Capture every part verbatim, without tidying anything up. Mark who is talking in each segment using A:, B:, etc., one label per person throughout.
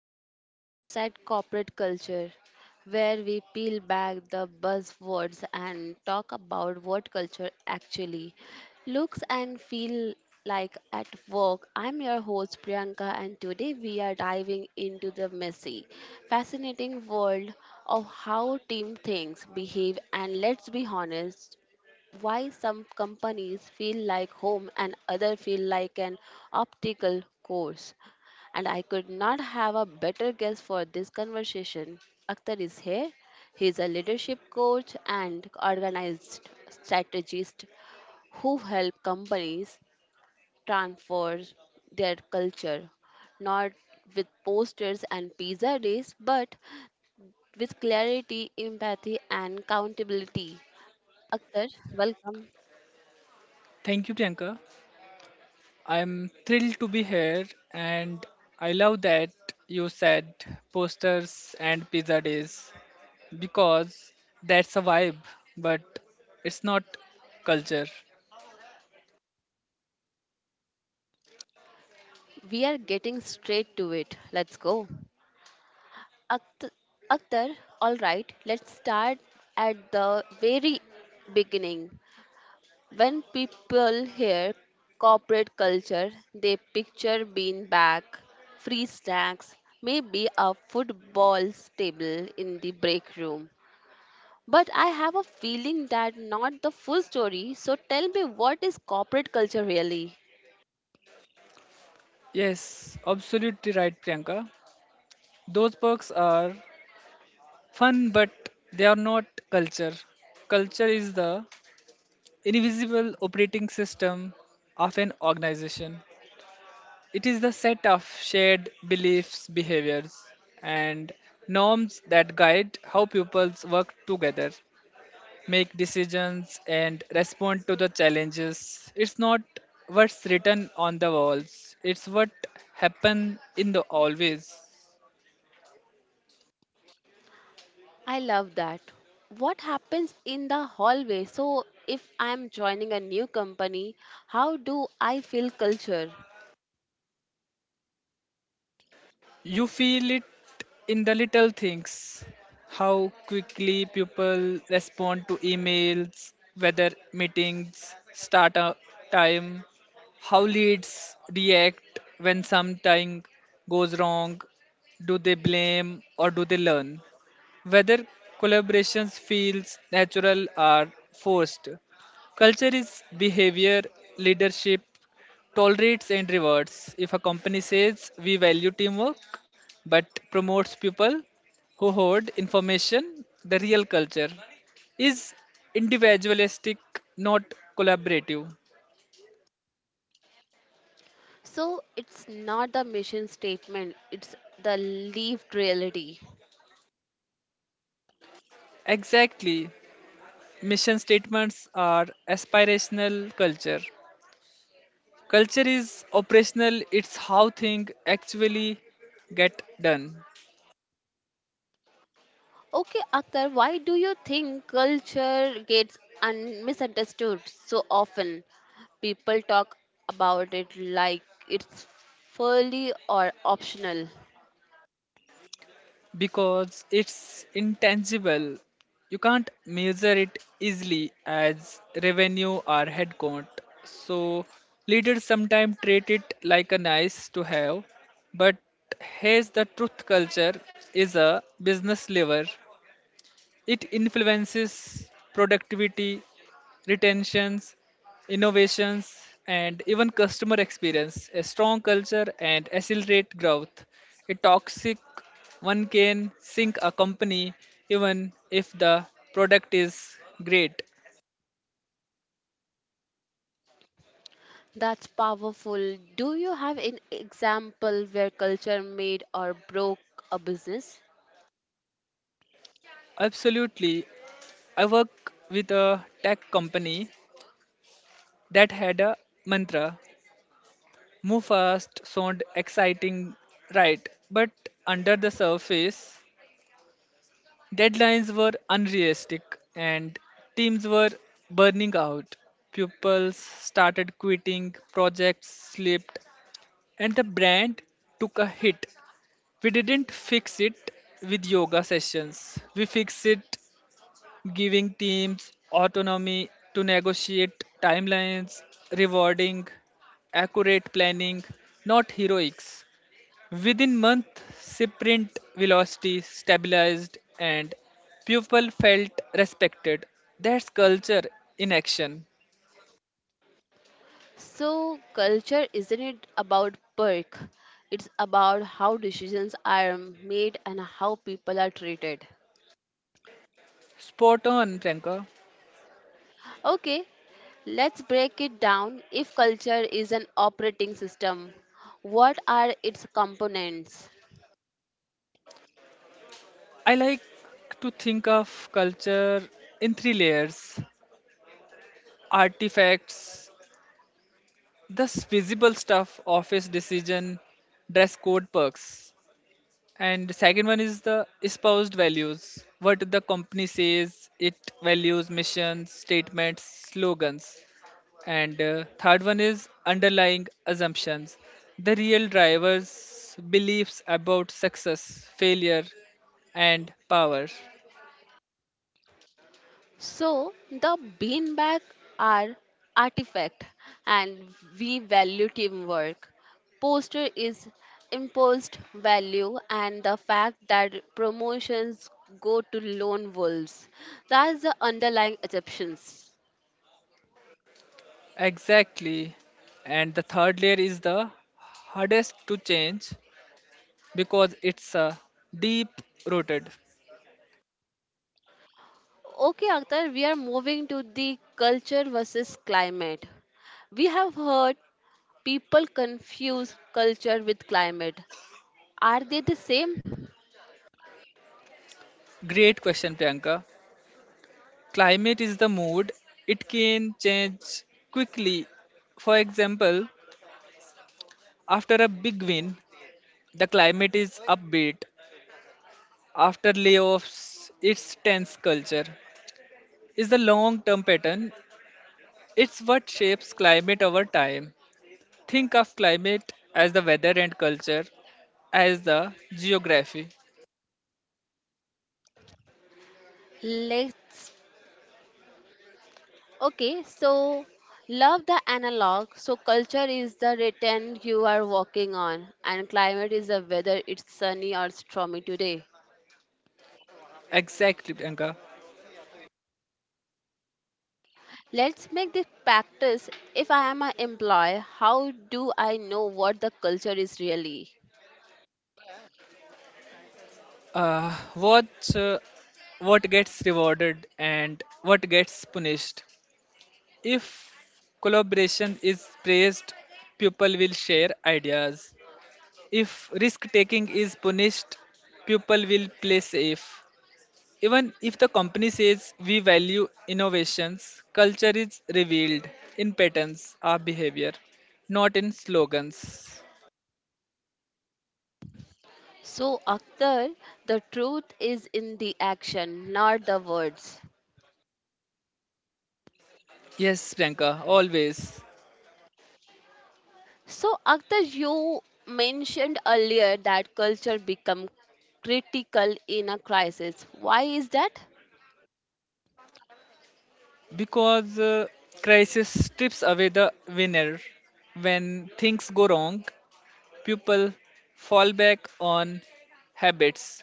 A: Welcome to Inside Corporate Culture, where we peel back the buzzwords and talk about what culture actually looks and feel like at work. I'm your host Priyanka and today we are diving into the messy, fascinating world of how team thinks, behave and let's be honest, why some companies feel like home and other feel like an optical course and I could not have a better guest for this conversation. Akhtar is here. He is a leadership coach and organized strategist who help companies transform their culture, not with posters and pizza days, but with clarity, empathy, and accountability. Akhtar, welcome.
B: Thank you, Priyanka. I'm thrilled to be here, and I love that you said posters and pizza days because that's a vibe, but it's not culture.
A: We are getting straight to it. Let's go. Akhtar, Akhtar, all right, let's start at the very beginning. When people hear corporate culture, they picture being back, free snacks, maybe a football table in the break room. But I have a feeling that not the full story. So tell me, what is corporate culture really?
B: Yes, absolutely right, Priyanka. Those perks are fun, but they are not culture. Culture is the invisible operating system of an organization. It is the set of shared beliefs, behaviors, and norms that guide how pupils work together, make decisions, and respond to the challenges. It's not what's written on the walls, it's what happens in the always.
A: I love that. What happens in the hallway? So, if I'm joining a new company, how do I feel culture?
B: You feel it in the little things, how quickly people respond to emails, whether meetings start a time, how leads react when something goes wrong, do they blame or do they learn, whether collaborations feels natural or forced. Culture is behavior, leadership tolerates and rewards. If a company says we value teamwork but promotes people who hoard information, the real culture is individualistic, not collaborative.
A: So, it's not the mission statement, it's the lived reality.
B: Exactly. Mission statements are aspirational culture. Culture is operational, it's how things actually get done.
A: Okay, Akhtar, why do you think culture gets un- misunderstood so often? People talk about it like it's fully or optional.
B: Because it's intangible. You can't measure it easily as revenue or headcount. So leaders sometimes treat it like a nice to have, but here's the truth culture is a business lever, it influences productivity, retentions, innovations, and even customer experience. A strong culture and accelerate growth. A toxic one can sink a company even if the product is great.
A: That's powerful. Do you have an example where culture made or broke a business?
B: Absolutely. I work with a tech company that had a mantra move fast, sound exciting, right? But under the surface, deadlines were unrealistic and teams were burning out. Pupils started quitting, projects slipped, and the brand took a hit. We didn't fix it with yoga sessions. We fixed it giving teams autonomy to negotiate timelines, rewarding accurate planning, not heroics. Within month, sprint velocity stabilized and people felt respected. That's culture in action.
A: So, culture isn't it about perk? It's about how decisions are made and how people are treated.
B: Spot on, Priyanka.
A: Okay, let's break it down. If culture is an operating system, what are its components?
B: I like to think of culture in three layers: artifacts, the visible stuff, office decision, dress code perks, and second one is the espoused values. What the company says it values, missions, statements, slogans. And uh, third one is underlying assumptions. The real drivers' beliefs about success, failure, and power.
A: So the beanbag are artifact and we value teamwork. Poster is imposed value and the fact that promotions go to lone wolves. That's the underlying assumptions.
B: Exactly. And the third layer is the hardest to change because it's a deep rooted.
A: Okay, Akhtar, we are moving to the culture versus climate. We have heard people confuse culture with climate. Are they the same?
B: Great question, Priyanka. Climate is the mood, it can change quickly. For example, after a big win, the climate is upbeat after layoffs, its tense culture is the long term pattern. It's what shapes climate over time. Think of climate as the weather and culture as the geography.
A: Let's Okay, so love the analog. So culture is the return you are walking on, and climate is the weather, it's sunny or stormy today.
B: Exactly, Priyanka.
A: Let's make this practice. If I am an employee, how do I know what the culture is really?
B: Uh, what, uh, what gets rewarded and what gets punished? If collaboration is praised, people will share ideas. If risk taking is punished, people will play safe. Even if the company says we value innovations, culture is revealed in patterns of behavior, not in slogans.
A: So, Akhtar, the truth is in the action, not the words.
B: Yes, Priyanka, always.
A: So, Akhtar, you mentioned earlier that culture become critical in a crisis. Why is that?
B: Because uh, crisis strips away the winner. When things go wrong, people fall back on habits.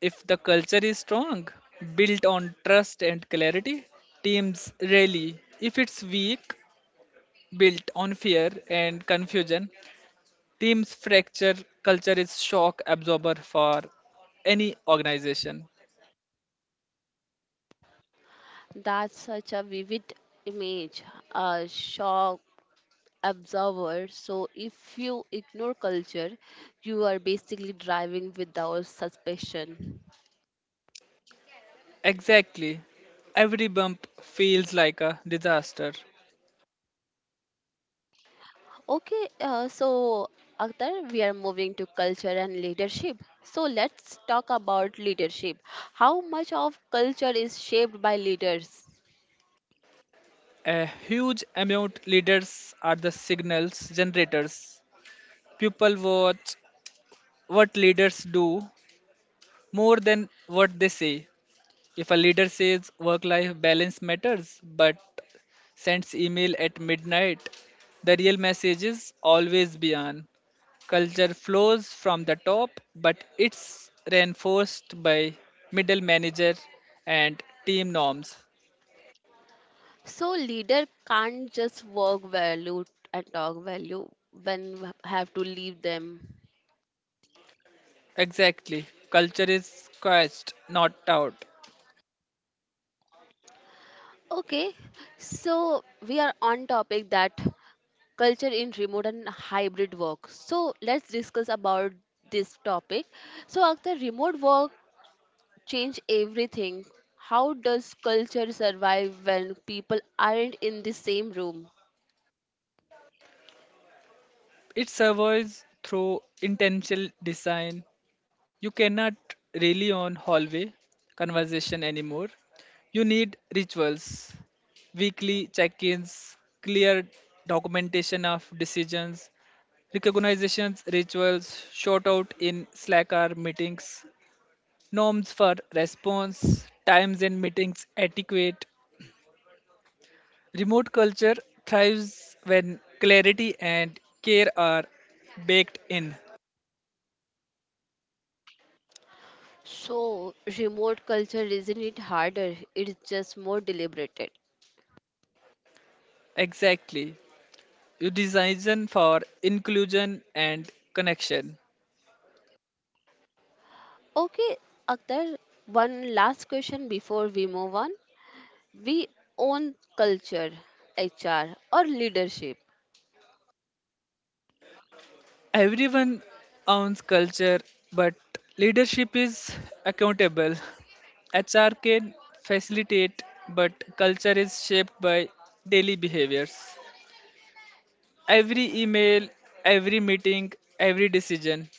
B: If the culture is strong, built on trust and clarity, teams rally. If it's weak, built on fear and confusion, teams fracture culture is shock absorber for any organization.
A: That's such a vivid image, a shock absorber. So, if you ignore culture, you are basically driving without suspicion.
B: Exactly. Every bump feels like a disaster.
A: Okay, uh, so Akhtar, we are moving to culture and leadership. So, let's talk about leadership. How much of culture is shaped by leaders?
B: A huge amount leaders are the signals generators. People watch what leaders do more than what they say. If a leader says work life balance matters, but sends email at midnight. The real message is always be on. Culture flows from the top, but it's reinforced by middle manager and team norms.
A: So leader can't just work value and talk value when we have to leave them.
B: Exactly. Culture is squashed, not out.
A: Okay, so we are on topic that culture in remote and hybrid work. So let's discuss about this topic. So after remote work change everything, how does culture survive when people aren't in the same room?
B: It survives through intentional design, you cannot rely on hallway conversation anymore. You need rituals, weekly check ins, clear documentation of decisions, recognitions, rituals, short out in Slack or meetings, norms for response, times in meetings, etiquette. Remote culture thrives when clarity and care are baked in.
A: So remote culture isn't it harder? It's just more deliberated.
B: Exactly. You design for inclusion and connection.
A: Okay, Akhtar, one last question before we move on. We own culture, H R, or leadership?
B: Everyone owns culture, but leadership is accountable. H R can facilitate, but culture is shaped by daily behaviors. Every email, every meeting, every decision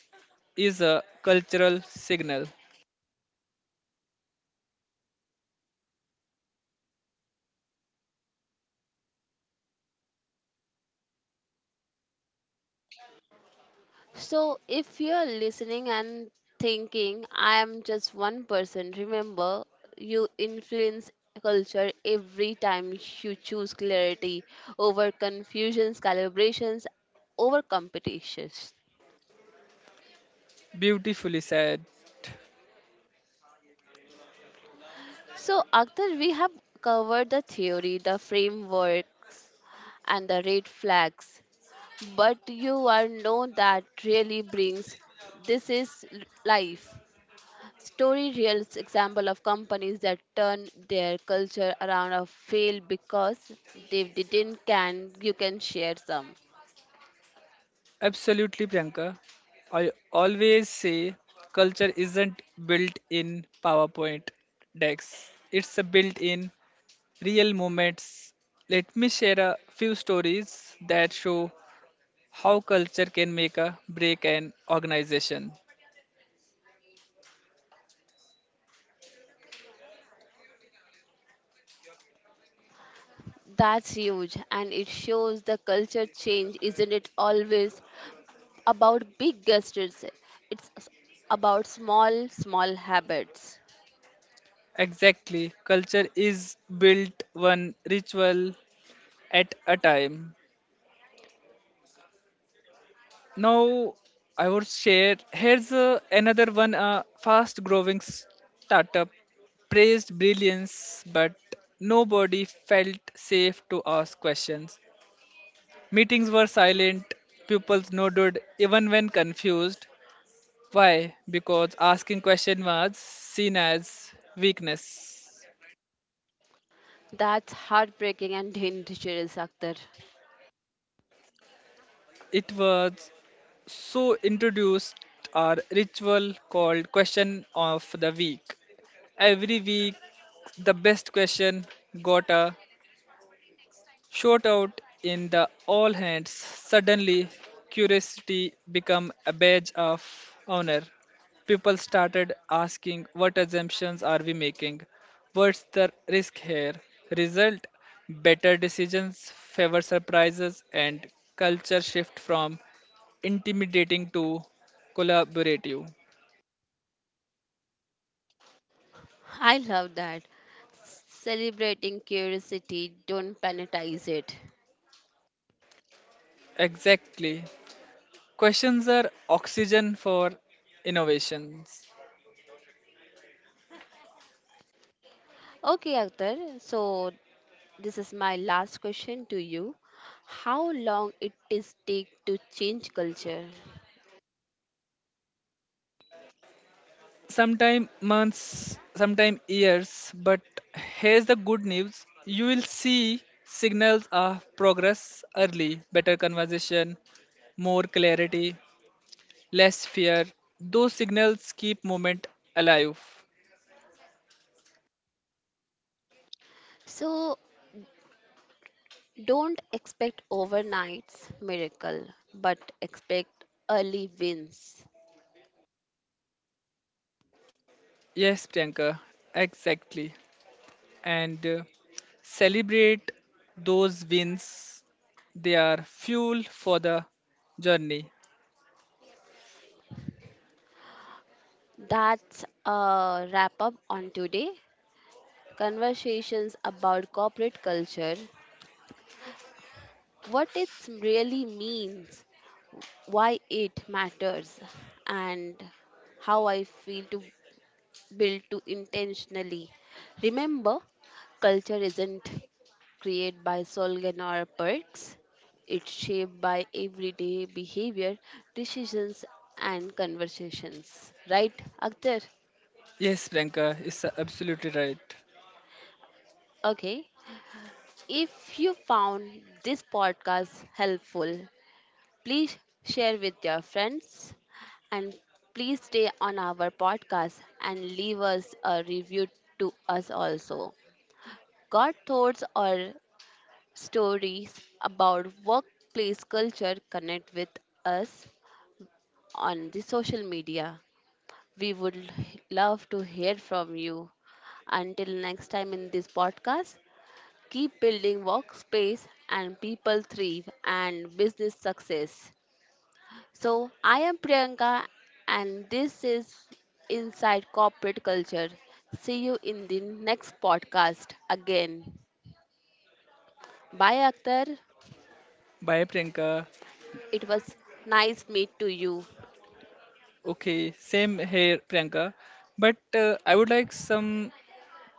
B: is a cultural signal.
A: So, if you're listening and thinking, I am just one person, remember you influence culture every time you choose clarity over confusions, calibrations, over competitions.
B: Beautifully said.
A: So, Akhtar, we have covered the theory, the frameworks, and the red flags. But you are know that really brings this is l- life story, real example of companies that turn their culture around or fail because they didn't, can you can share some?
B: Absolutely, Priyanka. I always say culture isn't built in PowerPoint decks, it's a built in real moments. Let me share a few stories that show how culture can make a break an organization.
A: That's huge and it shows the culture change isn't it always about big gestures, it's s- about small small habits.
B: Exactly, culture is built one ritual at a time. Now, I would share here's uh, another one uh, fast growing startup praised brilliance, but nobody felt safe to ask questions. Meetings were silent, pupils nodded even when confused. Why? Because asking question was seen as weakness.
A: That's heartbreaking and dangerous, Akhtar.
B: It was so introduced our ritual called question of the week. Every week, the best question got a shout out in the all hands. Suddenly, curiosity became a badge of honor. People started asking, what assumptions are we making? What's the risk here? Result better decisions, favor surprises, and culture shift from intimidating to collaborative.
A: I love that. Celebrating curiosity, don't penalize it.
B: Exactly. Questions are oxygen for innovations.
A: Okay, Akhtar, so this is my last question to you. How long it is take to change culture?
B: Sometime months, sometime years, but here's the good news. You will see signals of progress early, better conversation, more clarity, less fear. Those signals keep movement alive.
A: So don't expect overnight's miracle, but expect early wins.
B: Yes, Priyanka, exactly. And uh, celebrate those wins. They are fuel for the journey.
A: That's a wrap up on today. Conversations about corporate culture, what it really means, why it matters and how I feel to build to intentionally. Remember, culture isn't created by slogan or perks. It's shaped by everyday behavior, decisions, and conversations. Right, Akhtar?
B: Yes, Priyanka is absolutely right.
A: Okay. If you found this podcast helpful, please share with your friends. And please stay on our podcast and leave us a review to us also. Got thoughts or stories about workplace culture? Connect with us on the social media. We would l- love to hear from you. Until next time in this podcast, keep building workspace and people thrive and business success. So, I am Priyanka, and this is Inside Corporate Culture. See you in the next podcast again. Bye, Akhtar.
B: Bye, Priyanka.
A: It was nice meet to you.
B: Okay, same here, Priyanka. But uh, I would like some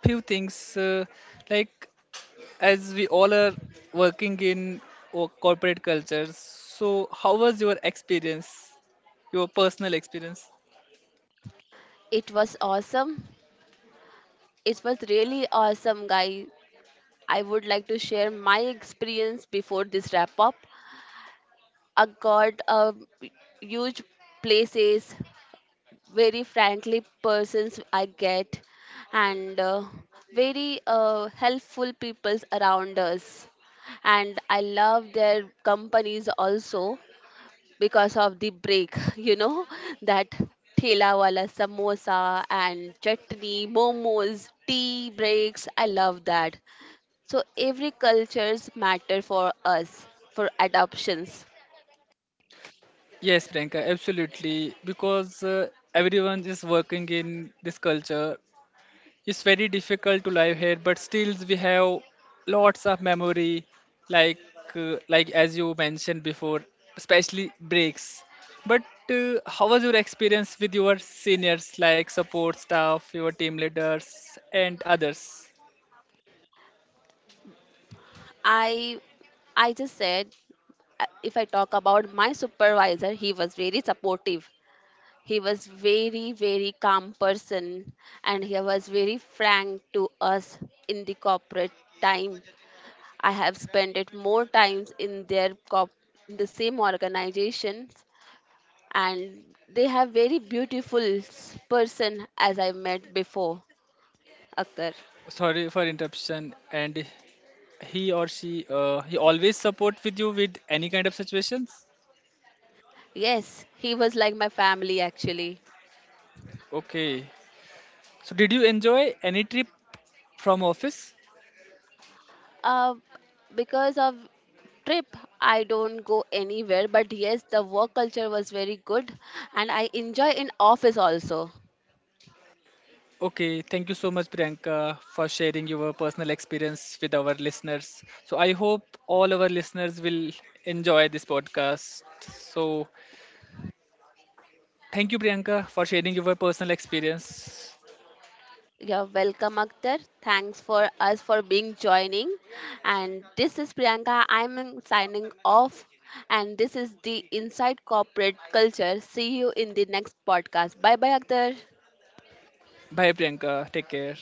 B: few things uh, like as we all are working in o- corporate cultures. So, how was your experience, your personal experience?
A: It was awesome. It was really awesome, guy. I would like to share my experience before this wrap up. I got a huge places, very friendly persons I get, and uh, very uh, helpful peoples around us. And I love their companies also because of the break, you know, that thela wala samosa and chutney, momos, tea breaks. I love that. So every cultures matter for us for adoptions.
B: Yes, Priyanka, absolutely. Because uh, everyone is working in this culture it's very difficult to live here but still we have lots of memory like uh, like as you mentioned before especially breaks but uh, how was your experience with your seniors like support staff your team leaders and others
A: I I just said, uh, if I talk about my supervisor, he was very supportive. He was very, very calm person and he was very frank to us in the corporate time. I have spent it more times in their corp- in the same organizations and they have very beautiful s- person as I met before, Akhtar.
B: sorry for interruption and he or she uh, he always support with you with any kind of situations
A: Yes, he was like my family actually.
B: okay so did you enjoy any trip from office.
A: Uh, because of trip I don't go anywhere, but yes the work culture was very good and I enjoy in office also.
B: Okay, thank you so much, Priyanka, for sharing your personal experience with our listeners. So, I hope all our listeners will enjoy this podcast. So, thank you, Priyanka, for sharing your personal experience.
A: You're welcome, Akhtar, thanks for us for being joining, and this is Priyanka, I'm in- signing off, and this is the Inside Corporate Culture. See you in the next podcast. Bye bye, Akhtar.
B: Bye, Priyanka. Take care.